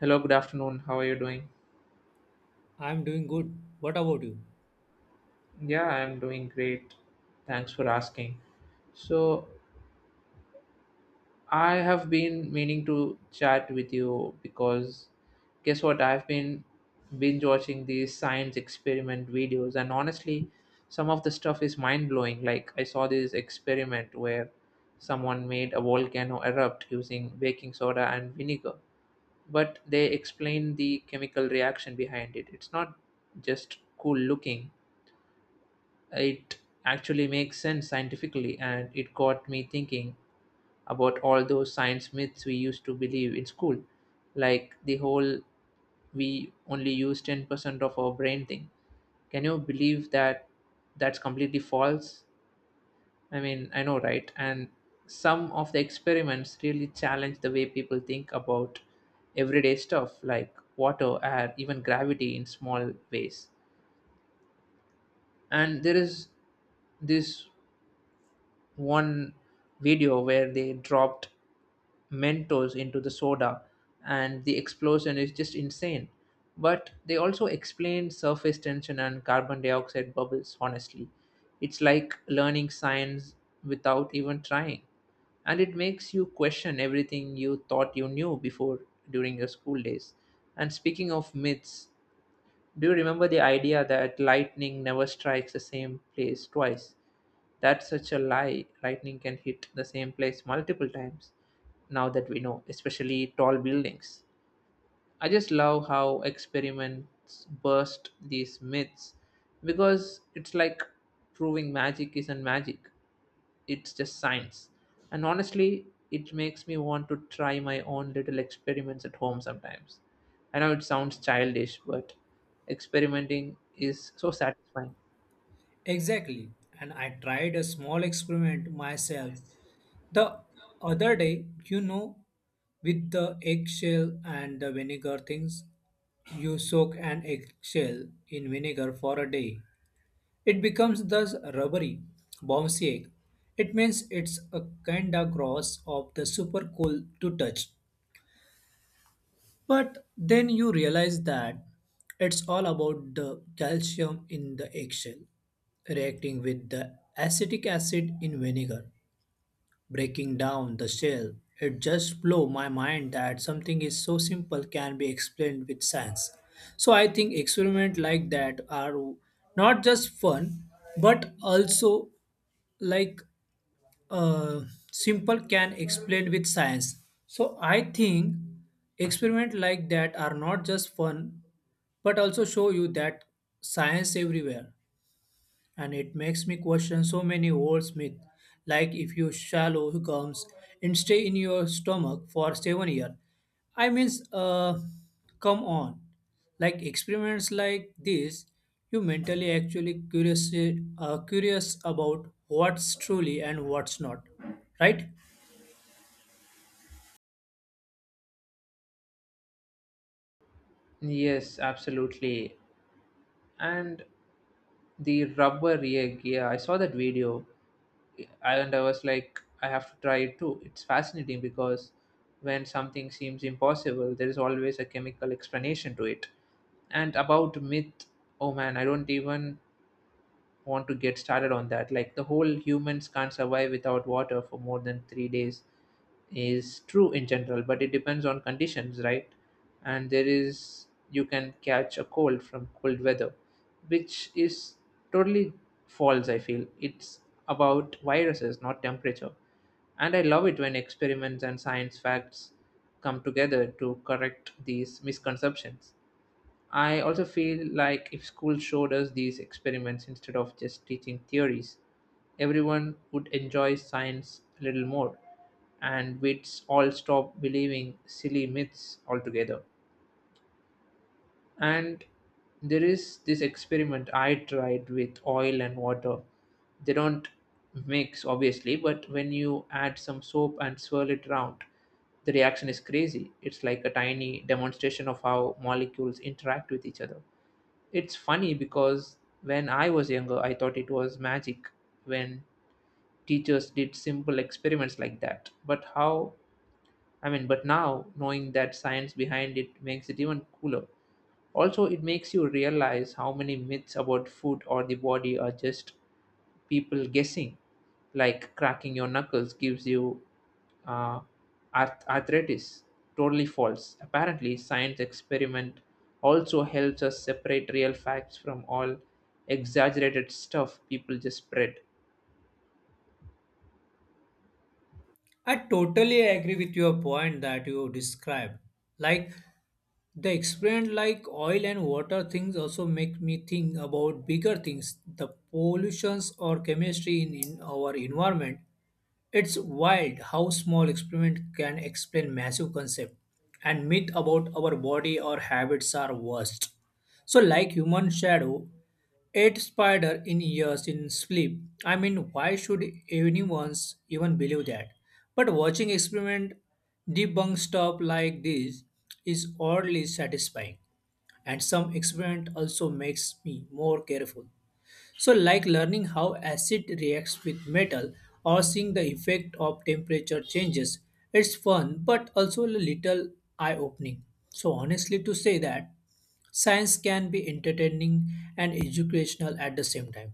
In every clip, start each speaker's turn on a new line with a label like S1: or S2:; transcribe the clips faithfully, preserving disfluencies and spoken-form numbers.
S1: Hello, good afternoon. How are you doing?
S2: I'm doing good. What about you?
S1: Yeah, I'm doing great. Thanks for asking. So, I have been meaning to chat with you because guess what? I've been binge watching these science experiment videos, and honestly, some of the stuff is mind blowing. Like, I saw this experiment where someone made a volcano erupt using baking soda and vinegar, but they explained the chemical reaction behind it. It's not just cool looking. It actually makes sense scientifically, and it got me thinking about all those science myths we used to believe in school, like the whole we only use ten percent of our brain thing. Can you believe that that's completely false? I mean, I know, right? And some of the experiments really challenge the way people think about everyday stuff like water, air, even gravity in small ways. And there is this one video where they dropped Mentos into the soda, and the explosion is just insane. But they also explain surface tension and carbon dioxide bubbles honestly. It's like learning science without even trying. And it makes you question everything you thought you knew before during your school days. And speaking of myths, do you remember the idea that lightning never strikes the same place twice? That's such a lie. Lightning can hit the same place multiple times now that we know, especially tall buildings. I just love how experiments burst these myths because it's like proving magic isn't magic, it's just science. And honestly, it makes me want to try my own little experiments at home sometimes. I know it sounds childish, but experimenting is so satisfying.
S2: Exactly. And I tried a small experiment myself the other day, you know, with the eggshell and the vinegar things. You soak an eggshell in vinegar for a day. It becomes thus rubbery, bouncy egg. It means it's a kinda gross of the super cool to touch. But then you realize that it's all about the calcium in the eggshell reacting with the acetic acid in vinegar, breaking down the shell. It just blew my mind that something is so simple can be explained with science. So I think experiments like that are not just fun but also like uh, simple can explain with science, so I think experiment like that are not just fun but also show you that science everywhere, and it makes me question so many old myths like if you swallow gums and stay in your stomach for seven years. I means uh come on. Like experiments like this, you mentally actually curious, uh, curious about what's truly and what's not, right?
S1: Yes, absolutely. And the rubber egg, yeah, I saw that video, I and I was like, I have to try it too. It's fascinating because when something seems impossible, there is always a chemical explanation to it. And about myth, oh man, I don't even want to get started on that. Like the whole humans can't survive without water for more than three days is true in general, but it depends on conditions, right? And there is you can catch a cold from cold weather, which is totally false, I feel. It's about viruses, not temperature. And I love it when experiments and science facts come together to correct these misconceptions. I also feel like if school showed us these experiments instead of just teaching theories, everyone would enjoy science a little more and we'd all stop believing silly myths altogether. And there is this experiment I tried with oil and water. They don't mix, obviously, but when you add some soap and swirl it around, the reaction is crazy. It's like a tiny demonstration of how molecules interact with each other. It's funny because when I was younger, I thought it was magic when teachers did simple experiments like that. But how, I mean, But now knowing that science behind it makes it even cooler. Also, it makes you realize how many myths about food or the body are just people guessing, like cracking your knuckles gives you uh, arth- arthritis. Totally false. Apparently, science experiment also helps us separate real facts from all exaggerated stuff people just spread.
S2: I totally agree with your point that you described. Like, the experiment like oil and water things also make me think about bigger things, the pollutions or chemistry in, in our environment. It's wild how small experiment can explain massive concept, and myth about our body or habits are worst. So like human shadow Eight spider in years in sleep. I mean, why should anyone's even believe that? But watching experiment debunk stuff like this is oddly satisfying, and some experiment also makes me more careful, so like learning how acid reacts with metal or seeing the effect of temperature changes, it's fun but also a little eye opening. So, honestly, to say that science can be entertaining and educational at the same time,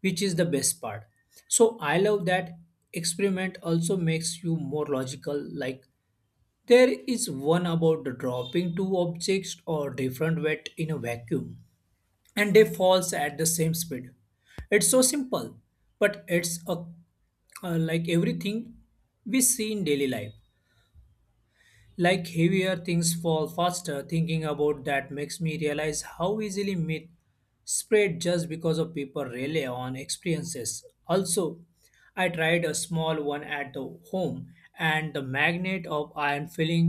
S2: which is the best part. So, I love that experiment also makes you more logical. Like, there is one about dropping two objects or different weight in a vacuum and they falls at the same speed. It's so simple, but it's a, uh, like everything we see in daily life like heavier things fall faster, thinking about that makes me realize how easily myth spread just because of people rely on experiences. Also, I tried a small one at the home and the magnet of iron filling,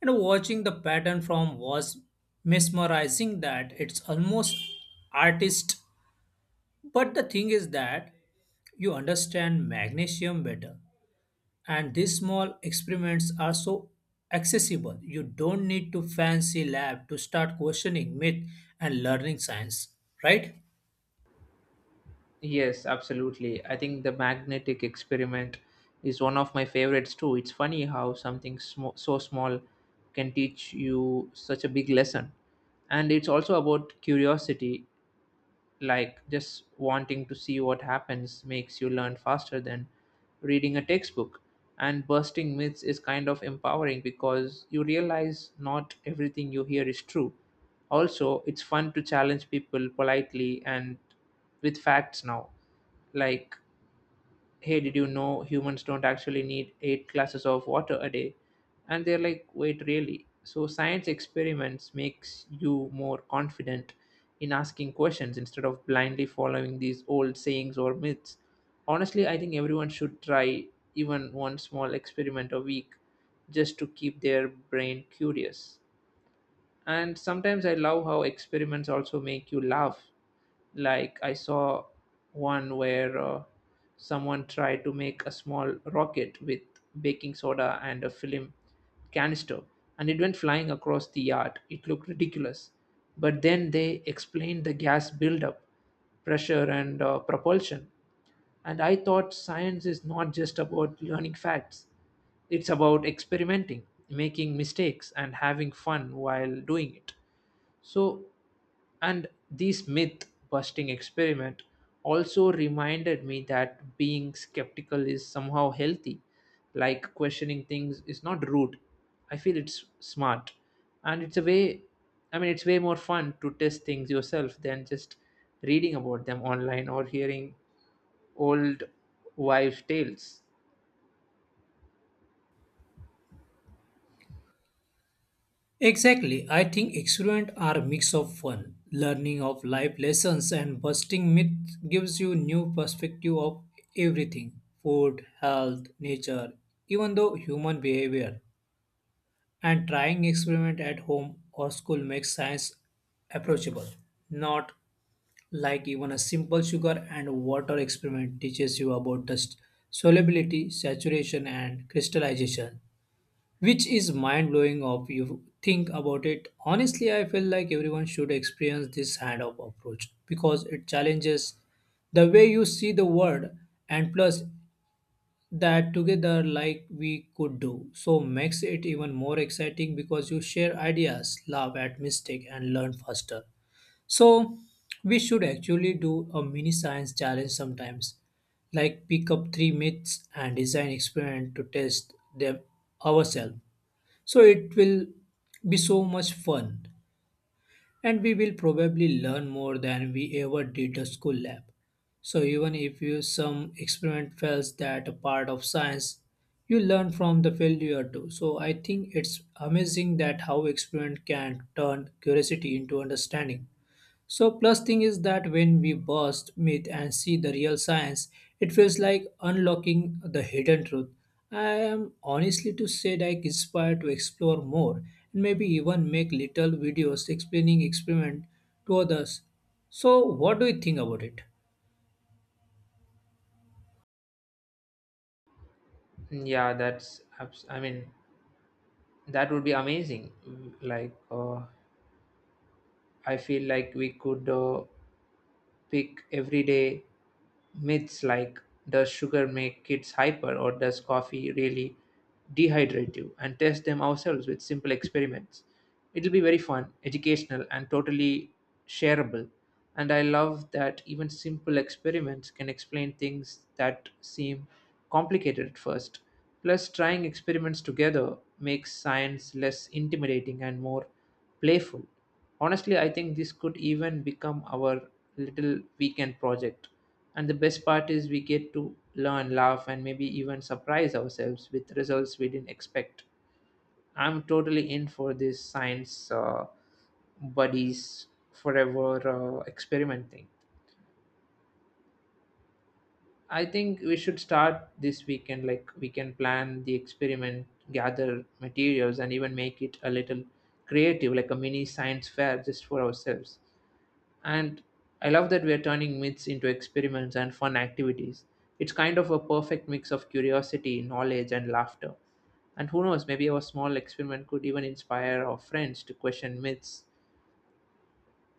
S2: and watching the pattern from was mesmerizing that it's almost artist. But the thing is that you understand magnesium better, and these small experiments are so accessible. You don't need to fancy lab to start questioning myth and learning science, right?
S1: Yes, absolutely. I think the magnetic experiment is one of my favorites too. It's funny how something sm- so small can teach you such a big lesson. And it's also about curiosity, like just wanting to see what happens makes you learn faster than reading a textbook. And busting myths is kind of empowering because you realize not everything you hear is true. Also, it's fun to challenge people politely and with facts now, like, hey, did you know humans don't actually need eight glasses of water a day? And they're like, wait, really? So science experiments makes you more confident in asking questions instead of blindly following these old sayings or myths. Honestly, I think everyone should try even one small experiment a week just to keep their brain curious. And sometimes I love how experiments also make you laugh. Like I saw one where uh, someone tried to make a small rocket with baking soda and a film canister, and it went flying across the yard. It looked ridiculous. But then they explained the gas buildup, pressure, and uh, propulsion. And I thought science is not just about learning facts, it's about experimenting, making mistakes, and having fun while doing it. So, and this myth busting experiment also reminded me that being skeptical is somehow healthy, like questioning things is not rude. I feel it's smart. And it's a way, I mean, it's way more fun to test things yourself than just reading about them online or hearing old wives' tales.
S2: Exactly. I think experiments are a mix of fun, learning of life lessons, and busting myth gives you new perspective of everything: food, health, nature, even though human behavior. And trying experiment at home or school makes science approachable, not like even a simple sugar and water experiment teaches you about the s- solubility, saturation, and crystallization, which is mind blowing of you think about it. Honestly, I feel like everyone should experience this kind of approach because it challenges the way you see the world. And plus, that together like we could do. So makes it even more exciting because you share ideas, laugh at mistake, and learn faster. So we should actually do a mini science challenge sometimes, like pick up three myths and design experiment to test them ourselves. So it will be so much fun, and we will probably learn more than we ever did a school lab. So even if you some experiment fails, that a part of science. You learn from the failure too. So I think it's amazing that how experiment can turn curiosity into understanding. So plus thing is that when we burst myth and see the real science, it feels like unlocking the hidden truth. I am honestly to say like inspired to explore more and maybe even make little videos explaining experiment to others. So what do you think about it?
S1: Yeah, that's. abs- I mean, that would be amazing. Like, uh, I feel like we could. Uh, pick everyday myths like, does sugar make kids hyper, or does coffee really dehydrate you, and test them ourselves with simple experiments. It'll be very fun, educational, and totally shareable. And I love that even simple experiments can explain things that seem complicated at first. Plus, trying experiments together makes science less intimidating and more playful. Honestly, I think this could even become our little weekend project. And the best part is we get to learn, laugh, and maybe even surprise ourselves with results we didn't expect. I'm totally in for this science uh, buddies forever uh, experiment thing. I think we should start this weekend. Like, we can plan the experiment, gather materials, and even make it a little creative, like a mini science fair just for ourselves. And I love that we're turning myths into experiments and fun activities. It's kind of a perfect mix of curiosity, knowledge, and laughter. And who knows, maybe our small experiment could even inspire our friends to question myths.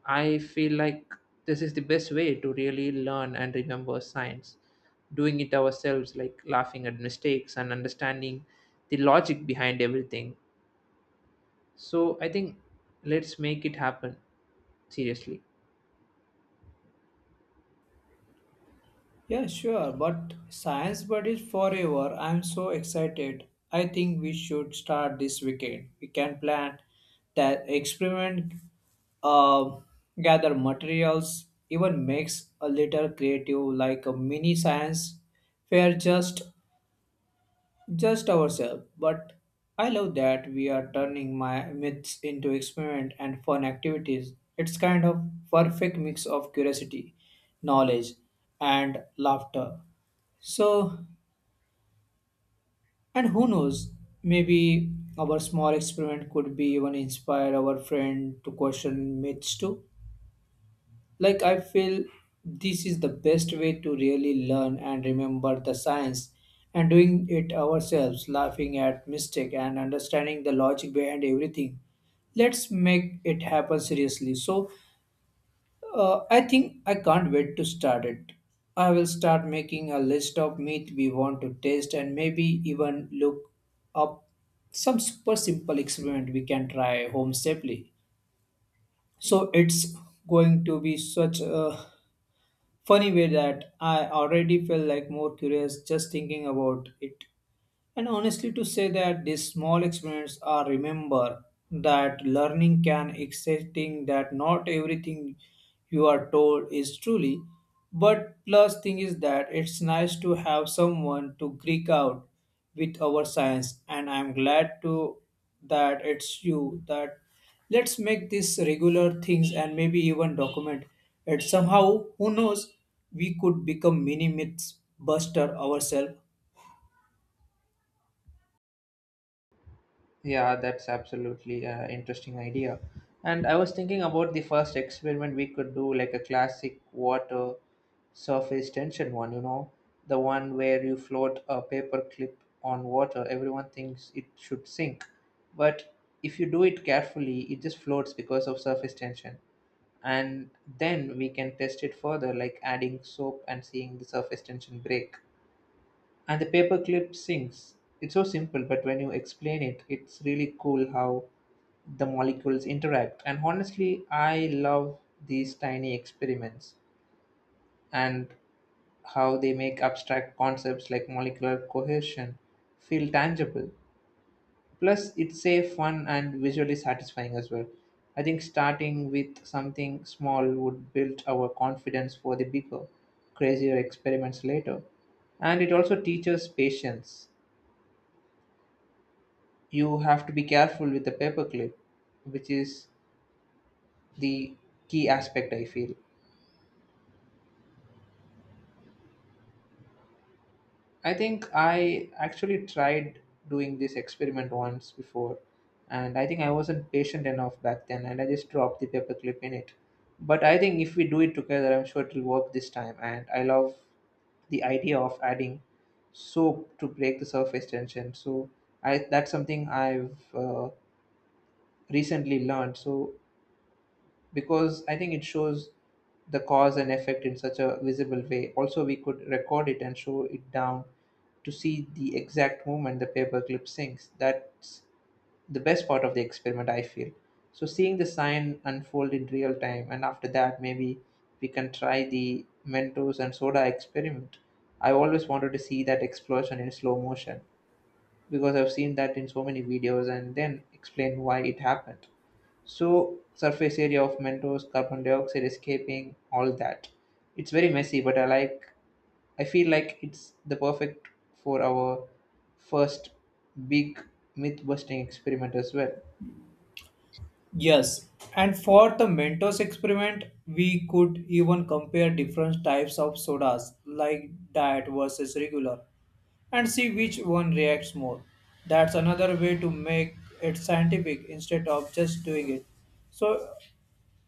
S1: I feel like this is the best way to really learn and remember science. Doing it ourselves, like laughing at mistakes and understanding the logic behind everything. So I think let's make it happen, seriously.
S2: Yeah, sure, but Science Bud is forever. I'm so excited. I think we should start this weekend. We can plan that experiment, uh, gather materials, even makes a little creative like a mini science fair just just ourselves. But I love that we are turning my myths into experiment and fun activities. It's kind of perfect mix of curiosity, knowledge, and laughter. So, and who knows, maybe our small experiment could be even inspire our friend to question myths too. Like, I feel this is the best way to really learn and remember the science, and doing it ourselves, laughing at mistake and understanding the logic behind everything. Let's make it happen seriously. So, Uh, I think I can't wait to start it. I will start making a list of meat we want to taste and maybe even look up some super simple experiment we can try home safely. So it's going to be such a funny way that I already feel like more curious just thinking about it. And honestly, to say that these small experiments are remember that learning can accepting that not everything you are told is truly. But plus thing is that it's nice to have someone to geek out with our science, and I'm glad to that it's you. That let's make this regular things and maybe even document it somehow. Who knows? We could become mini myths buster ourselves.
S1: Yeah, that's absolutely an interesting idea. And I was thinking about the first experiment we could do, like a classic water surface tension one, you know, the one where you float a paper clip on water. Everyone thinks it should sink. But if you do it carefully, it just floats because of surface tension. And then we can test it further, like adding soap and seeing the surface tension break, and the paperclip sinks. It's so simple, but when you explain it, it's really cool how the molecules interact. And honestly, I love these tiny experiments and how they make abstract concepts like molecular cohesion feel tangible. Plus, it's safe, fun, and visually satisfying as well. I think starting with something small would build our confidence for the bigger, crazier experiments later. And it also teaches patience. You have to be careful with the paperclip, which is the key aspect I feel. I think I actually tried doing this experiment once before, and I think I wasn't patient enough back then, and I just dropped the paperclip in it. But I think if we do it together, I'm sure it will work this time. And I love the idea of adding soap to break the surface tension. So I, that's something I've uh, recently learned. So because I think it shows the cause and effect in such a visible way. Also, we could record it and show it down to see the exact moment the paperclip sinks. That's the best part of the experiment, I feel. So, seeing the sign unfold in real time, and after that, maybe we can try the Mentos and soda experiment. I always wanted to see that explosion in slow motion because I've seen that in so many videos and then explain why it happened. So surface area of Mentos, carbon dioxide escaping, all that. It's very messy, but I like. I feel like it's the perfect for our first big myth-busting experiment as well.
S2: Yes, and for the Mentos experiment, we could even compare different types of sodas like diet versus regular and see which one reacts more. That's another way to make it scientific instead of just doing it. So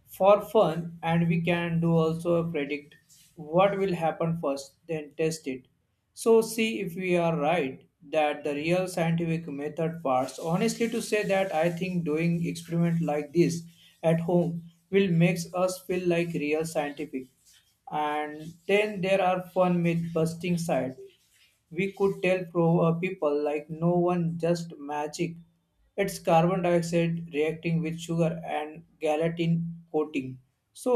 S2: for fun, and we can do also predict what will happen first then test it, so see if we are right, that the real scientific method parts. Honestly, to say that I think doing experiment like this at home will makes us feel like real scientific. And then there are fun myth busting side, we could tell pro uh, people like no one just magic. It's carbon dioxide reacting with sugar and gelatin coating. So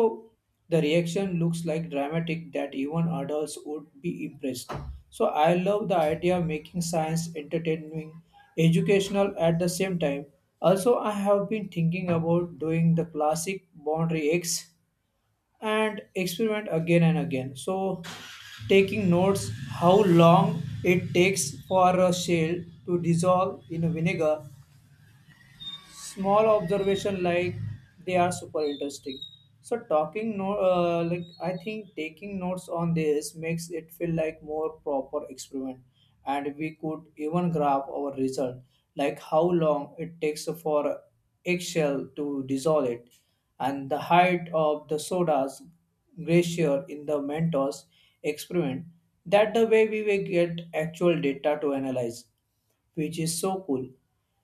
S2: the reaction looks like dramatic that even adults would be impressed. So I love the idea of making science entertaining, educational at the same time. Also, I have been thinking about doing the classic boundary eggs and experiment again and again. So, taking notes how long it takes for a shell to dissolve in vinegar, small observation like they are super interesting. So talking no uh, like I think taking notes on this makes it feel like more proper experiment, and we could even graph our result, like how long it takes for eggshell to dissolve it and the height of the soda's glacier in the Mentos experiment. That the way we will get actual data to analyze, which is so cool.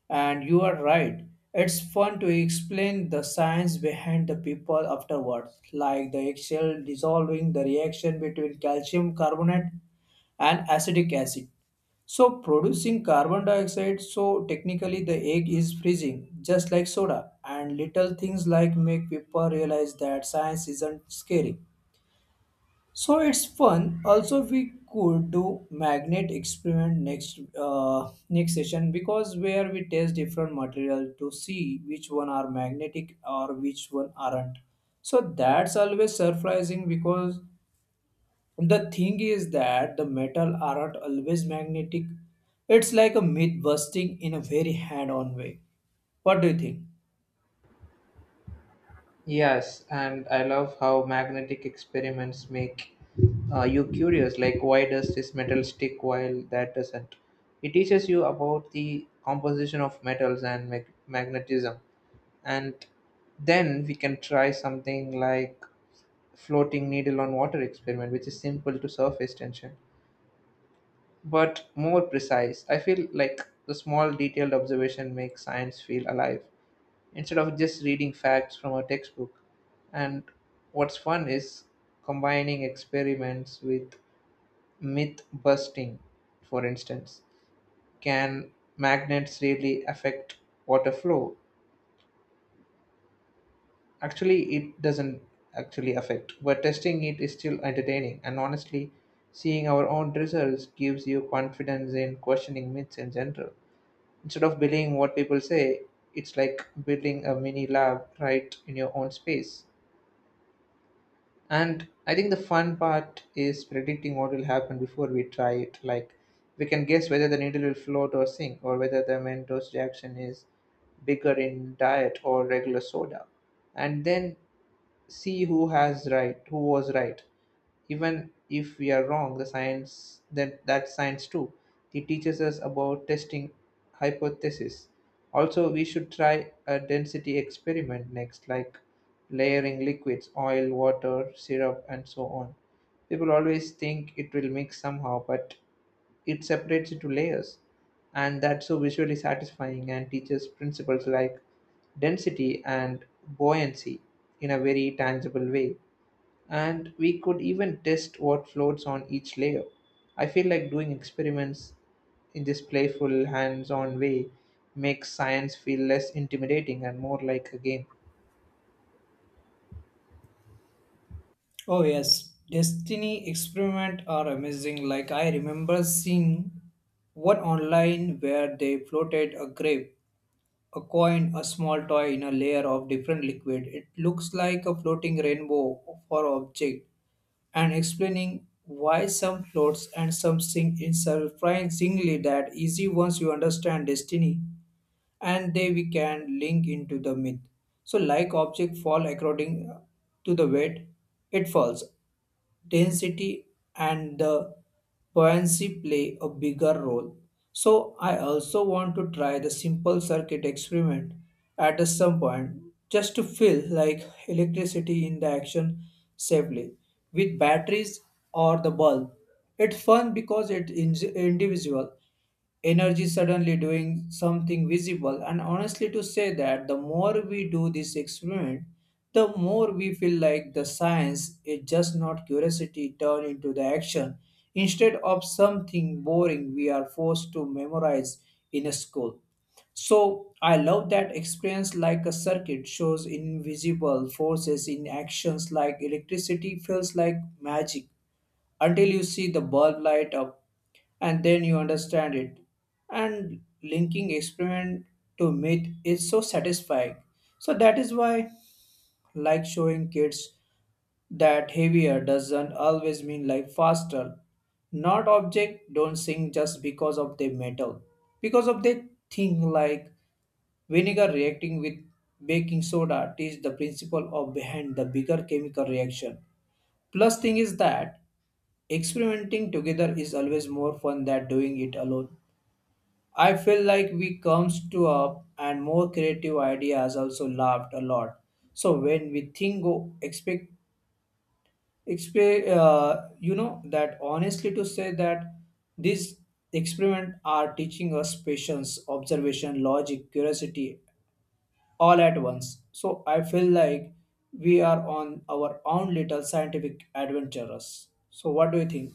S2: And you are right, it's fun to explain the science behind the people afterwards, like the eggshell dissolving the reaction between calcium carbonate and acetic acid. So, producing carbon dioxide, so technically the egg is freezing, just like soda. And little things like make people realize that science isn't scary, so it's fun. Also, we could do magnet experiment next uh, next session, because where we test different material to see which one are magnetic or which one aren't. So that's always surprising because the thing is that the metal aren't always magnetic. It's like a myth busting in a very hand-on way. What do you think?
S1: Yes, and I love how magnetic experiments make uh, you curious. Like, why does this metal stick while that doesn't? It teaches you about the composition of metals and mag- magnetism, and then we can try something like floating needle on water experiment, which is simple to surface tension but more precise. I feel like the small detailed observation makes science feel alive instead of just reading facts from a textbook. And what's fun is combining experiments with myth busting, for instance. Can magnets really affect water flow? Actually, it doesn't actually affect, but testing it is still entertaining. And honestly, seeing our own results gives you confidence in questioning myths in general. Instead of believing what people say, it's like building a mini lab right in your own space. And I think the fun part is predicting what will happen before we try it. Like, we can guess whether the needle will float or sink, or whether the Mentos reaction is bigger in diet or regular soda. And then see who has right who was right. Even if we are wrong, the science that that's science too. It teaches us about testing hypotheses. Also, we should try a density experiment next, like layering liquids, oil, water, syrup, and so on. People always think it will mix somehow, but it separates into layers, and that's so visually satisfying and teaches principles like density and buoyancy in a very tangible way. And we could even test what floats on each layer. I feel like doing experiments in this playful, hands-on way makes science feel less intimidating and more like a game.
S2: Oh yes, Destiny experiment are amazing. Like I remember seeing one online where they floated a grape, a coin, a small toy in a layer of different liquid. It looks like a floating rainbow for object, and explaining why some floats and some sink in surprisingly that easy once you understand destiny. And they we can link into the myth. So like object fall according to the weight it falls, density and the buoyancy play a bigger role. So I also want to try the simple circuit experiment at a some point, just to feel like electricity in the action safely with batteries or the bulb. It's fun because it's in- individual energy suddenly doing something visible. And honestly, to say that the more we do this experiment, the more we feel like the science is just not curiosity turned into the action instead of something boring we are forced to memorize in a school. So I love that experience like a circuit shows invisible forces in actions, like electricity feels like magic until you see the bulb light up, and then you understand it. And linking experiment to myth is so satisfying. So that is why, like showing kids that heavier doesn't always mean like faster. Not object don't sink just because of their metal. Because of their thing like vinegar reacting with baking soda teach the principle of behind the bigger chemical reaction. Plus thing is that experimenting together is always more fun than doing it alone. I feel like we comes to up and more creative ideas, also laughed a lot. So when we think go expect expect uh, you know that honestly to say that these experiment are teaching us patience, observation, logic, curiosity all at once. So I feel like we are on our own little scientific adventurers. So what do you think?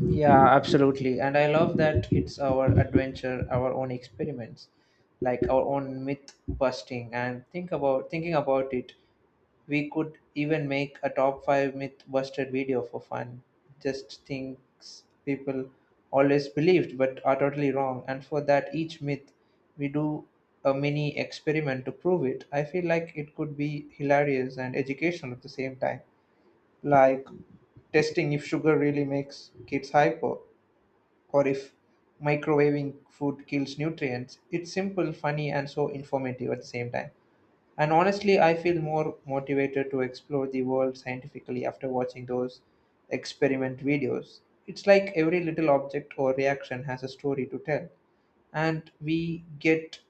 S1: Yeah, absolutely. And I love that it's our adventure, our own experiments, like our own myth busting. And think about thinking about it, we could even make a top five myth busted video for fun. Just things people always believed but are totally wrong. And for that, each myth we do a mini experiment to prove it. I feel like it could be hilarious and educational at the same time. Like testing if sugar really makes kids hyper, or if microwaving food kills nutrients. It's simple, funny, and so informative at the same time. And honestly, I feel more motivated to explore the world scientifically after watching those experiment videos. It's like every little object or reaction has a story to tell, and we get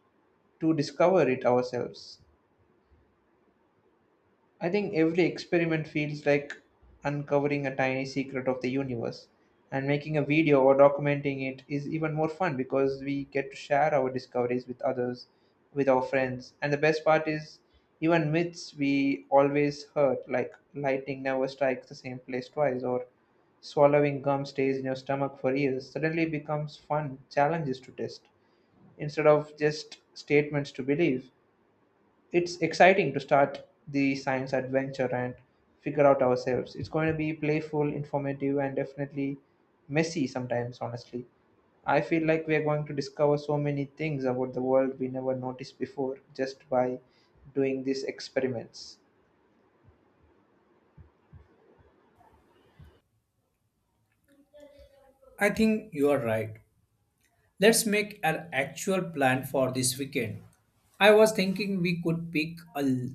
S1: to discover it ourselves. I think every experiment feels like uncovering a tiny secret of the universe, and making a video or documenting it is even more fun because we get to share our discoveries with others, with our friends. And the best part is, even myths we always heard, like lightning never strikes the same place twice, or swallowing gum stays in your stomach for years, suddenly becomes fun challenges to test instead of just statements to believe. It's exciting to start the science adventure and figure out ourselves. It's going to be playful, informative, and definitely messy sometimes, honestly. I feel like we are going to discover so many things about the world we never noticed before just by doing these experiments.
S2: I think you are right. Let's make an actual plan for this weekend. I was thinking we could pick a, l-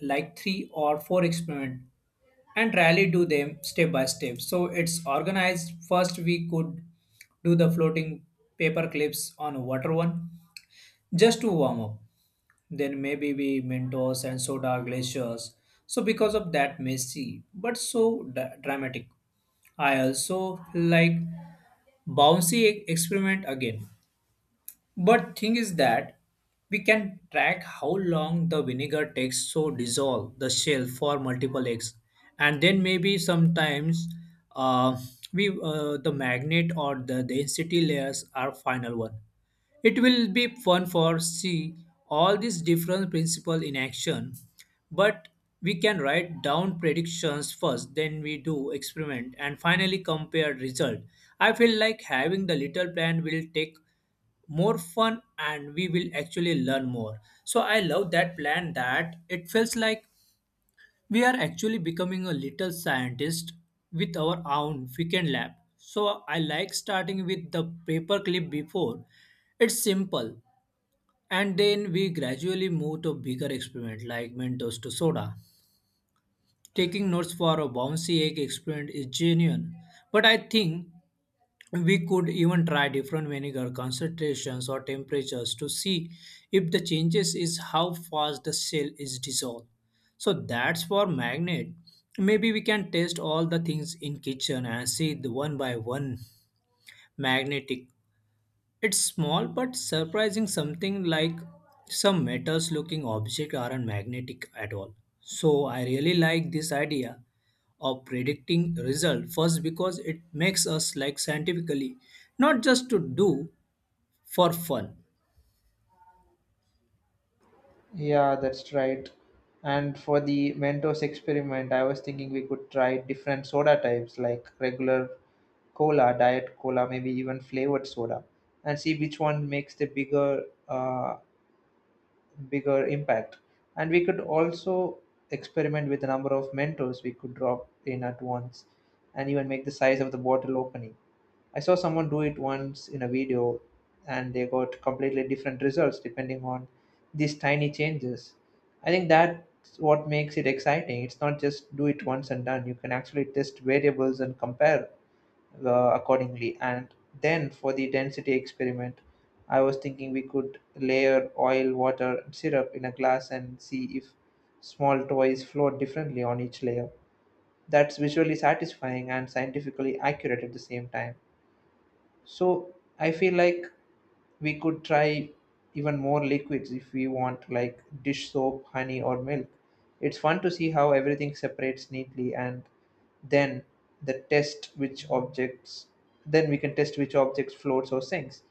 S2: like three or four experiments and really do them step by step. So it's organized. First, we could do the floating paper clips on water one just to warm up. Then maybe we Mentos and soda glaciers. So because of that messy but so dra- dramatic. I also like bouncy e- experiment again. But thing is that we can track how long the vinegar takes to dissolve the shell for multiple eggs, and then maybe sometimes uh, we uh, the magnet or the density layers are final one. It will be fun for see all these different principles in action, but we can write down predictions first, then we do experiment and finally compare result. I feel like having the little plan will take more fun, and we will actually learn more. So I love that plan, that it feels like we are actually becoming a little scientist with our own weekend lab. So I like starting with the paperclip before. It's simple. And then we gradually move to bigger experiment like Mentos to soda. Taking notes for a bouncy egg experiment is genuine. But I think we could even try different vinegar concentrations or temperatures to see if the changes is how fast the cell is dissolved. So that's for magnet. Maybe we can test all the things in kitchen and see the one by one magnetic, it's small but surprising, something like some metals looking objects aren't magnetic at all. So I really like this idea of predicting result first because it makes us like scientifically not just to do for fun.
S1: Yeah, that's right. And for the Mentos experiment, I was thinking we could try different soda types like regular cola, diet cola, maybe even flavored soda, and see which one makes the bigger uh, bigger impact. And we could also experiment with the number of Mentos we could drop in at once, and even make the size of the bottle opening. I saw someone do it once in a video, and they got completely different results depending on these tiny changes. I think that's what makes it exciting. It's not just do it once and done. You can actually test variables and compare uh, accordingly. And then for the density experiment, I was thinking we could layer oil, water, and syrup in a glass and see if small toys float differently on each layer. That's visually satisfying and scientifically accurate at the same time. So I feel like we could try even more liquids if we want, like dish soap, honey, or milk. It's fun to see how everything separates neatly, and then the test which objects then we can test which objects floats or sinks.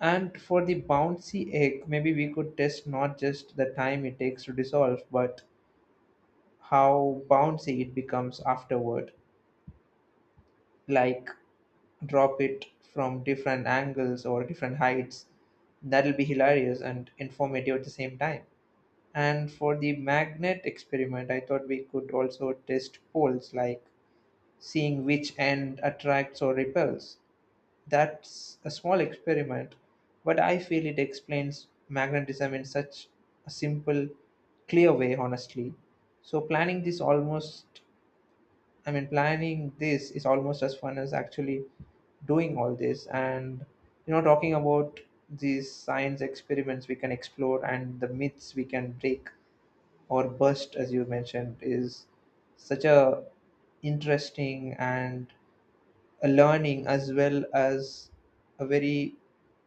S1: And for the bouncy egg, maybe we could test not just the time it takes to dissolve, but how bouncy it becomes afterward. Like drop it from different angles or different heights. That'll be hilarious and informative at the same time. And for the magnet experiment, I thought we could also test poles, like seeing which end attracts or repels. That's a small experiment, but I feel it explains magnetism in such a simple, clear way, honestly. So, planning this almost I mean, planning this is almost as fun as actually doing all this. And, you know, talking about these science experiments we can explore and the myths we can break or bust, as you mentioned, is such a interesting and a learning as well as a very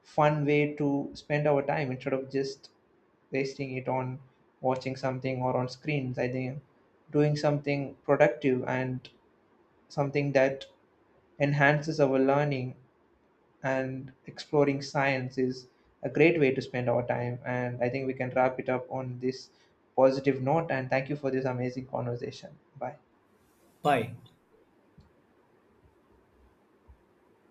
S1: fun way to spend our time instead of just wasting it on watching something or on screens. I think doing something productive and something that enhances our learning and exploring science is a great way to spend our time. And I think we can wrap it up on this positive note. And thank you for this amazing conversation. Bye.
S2: Bye.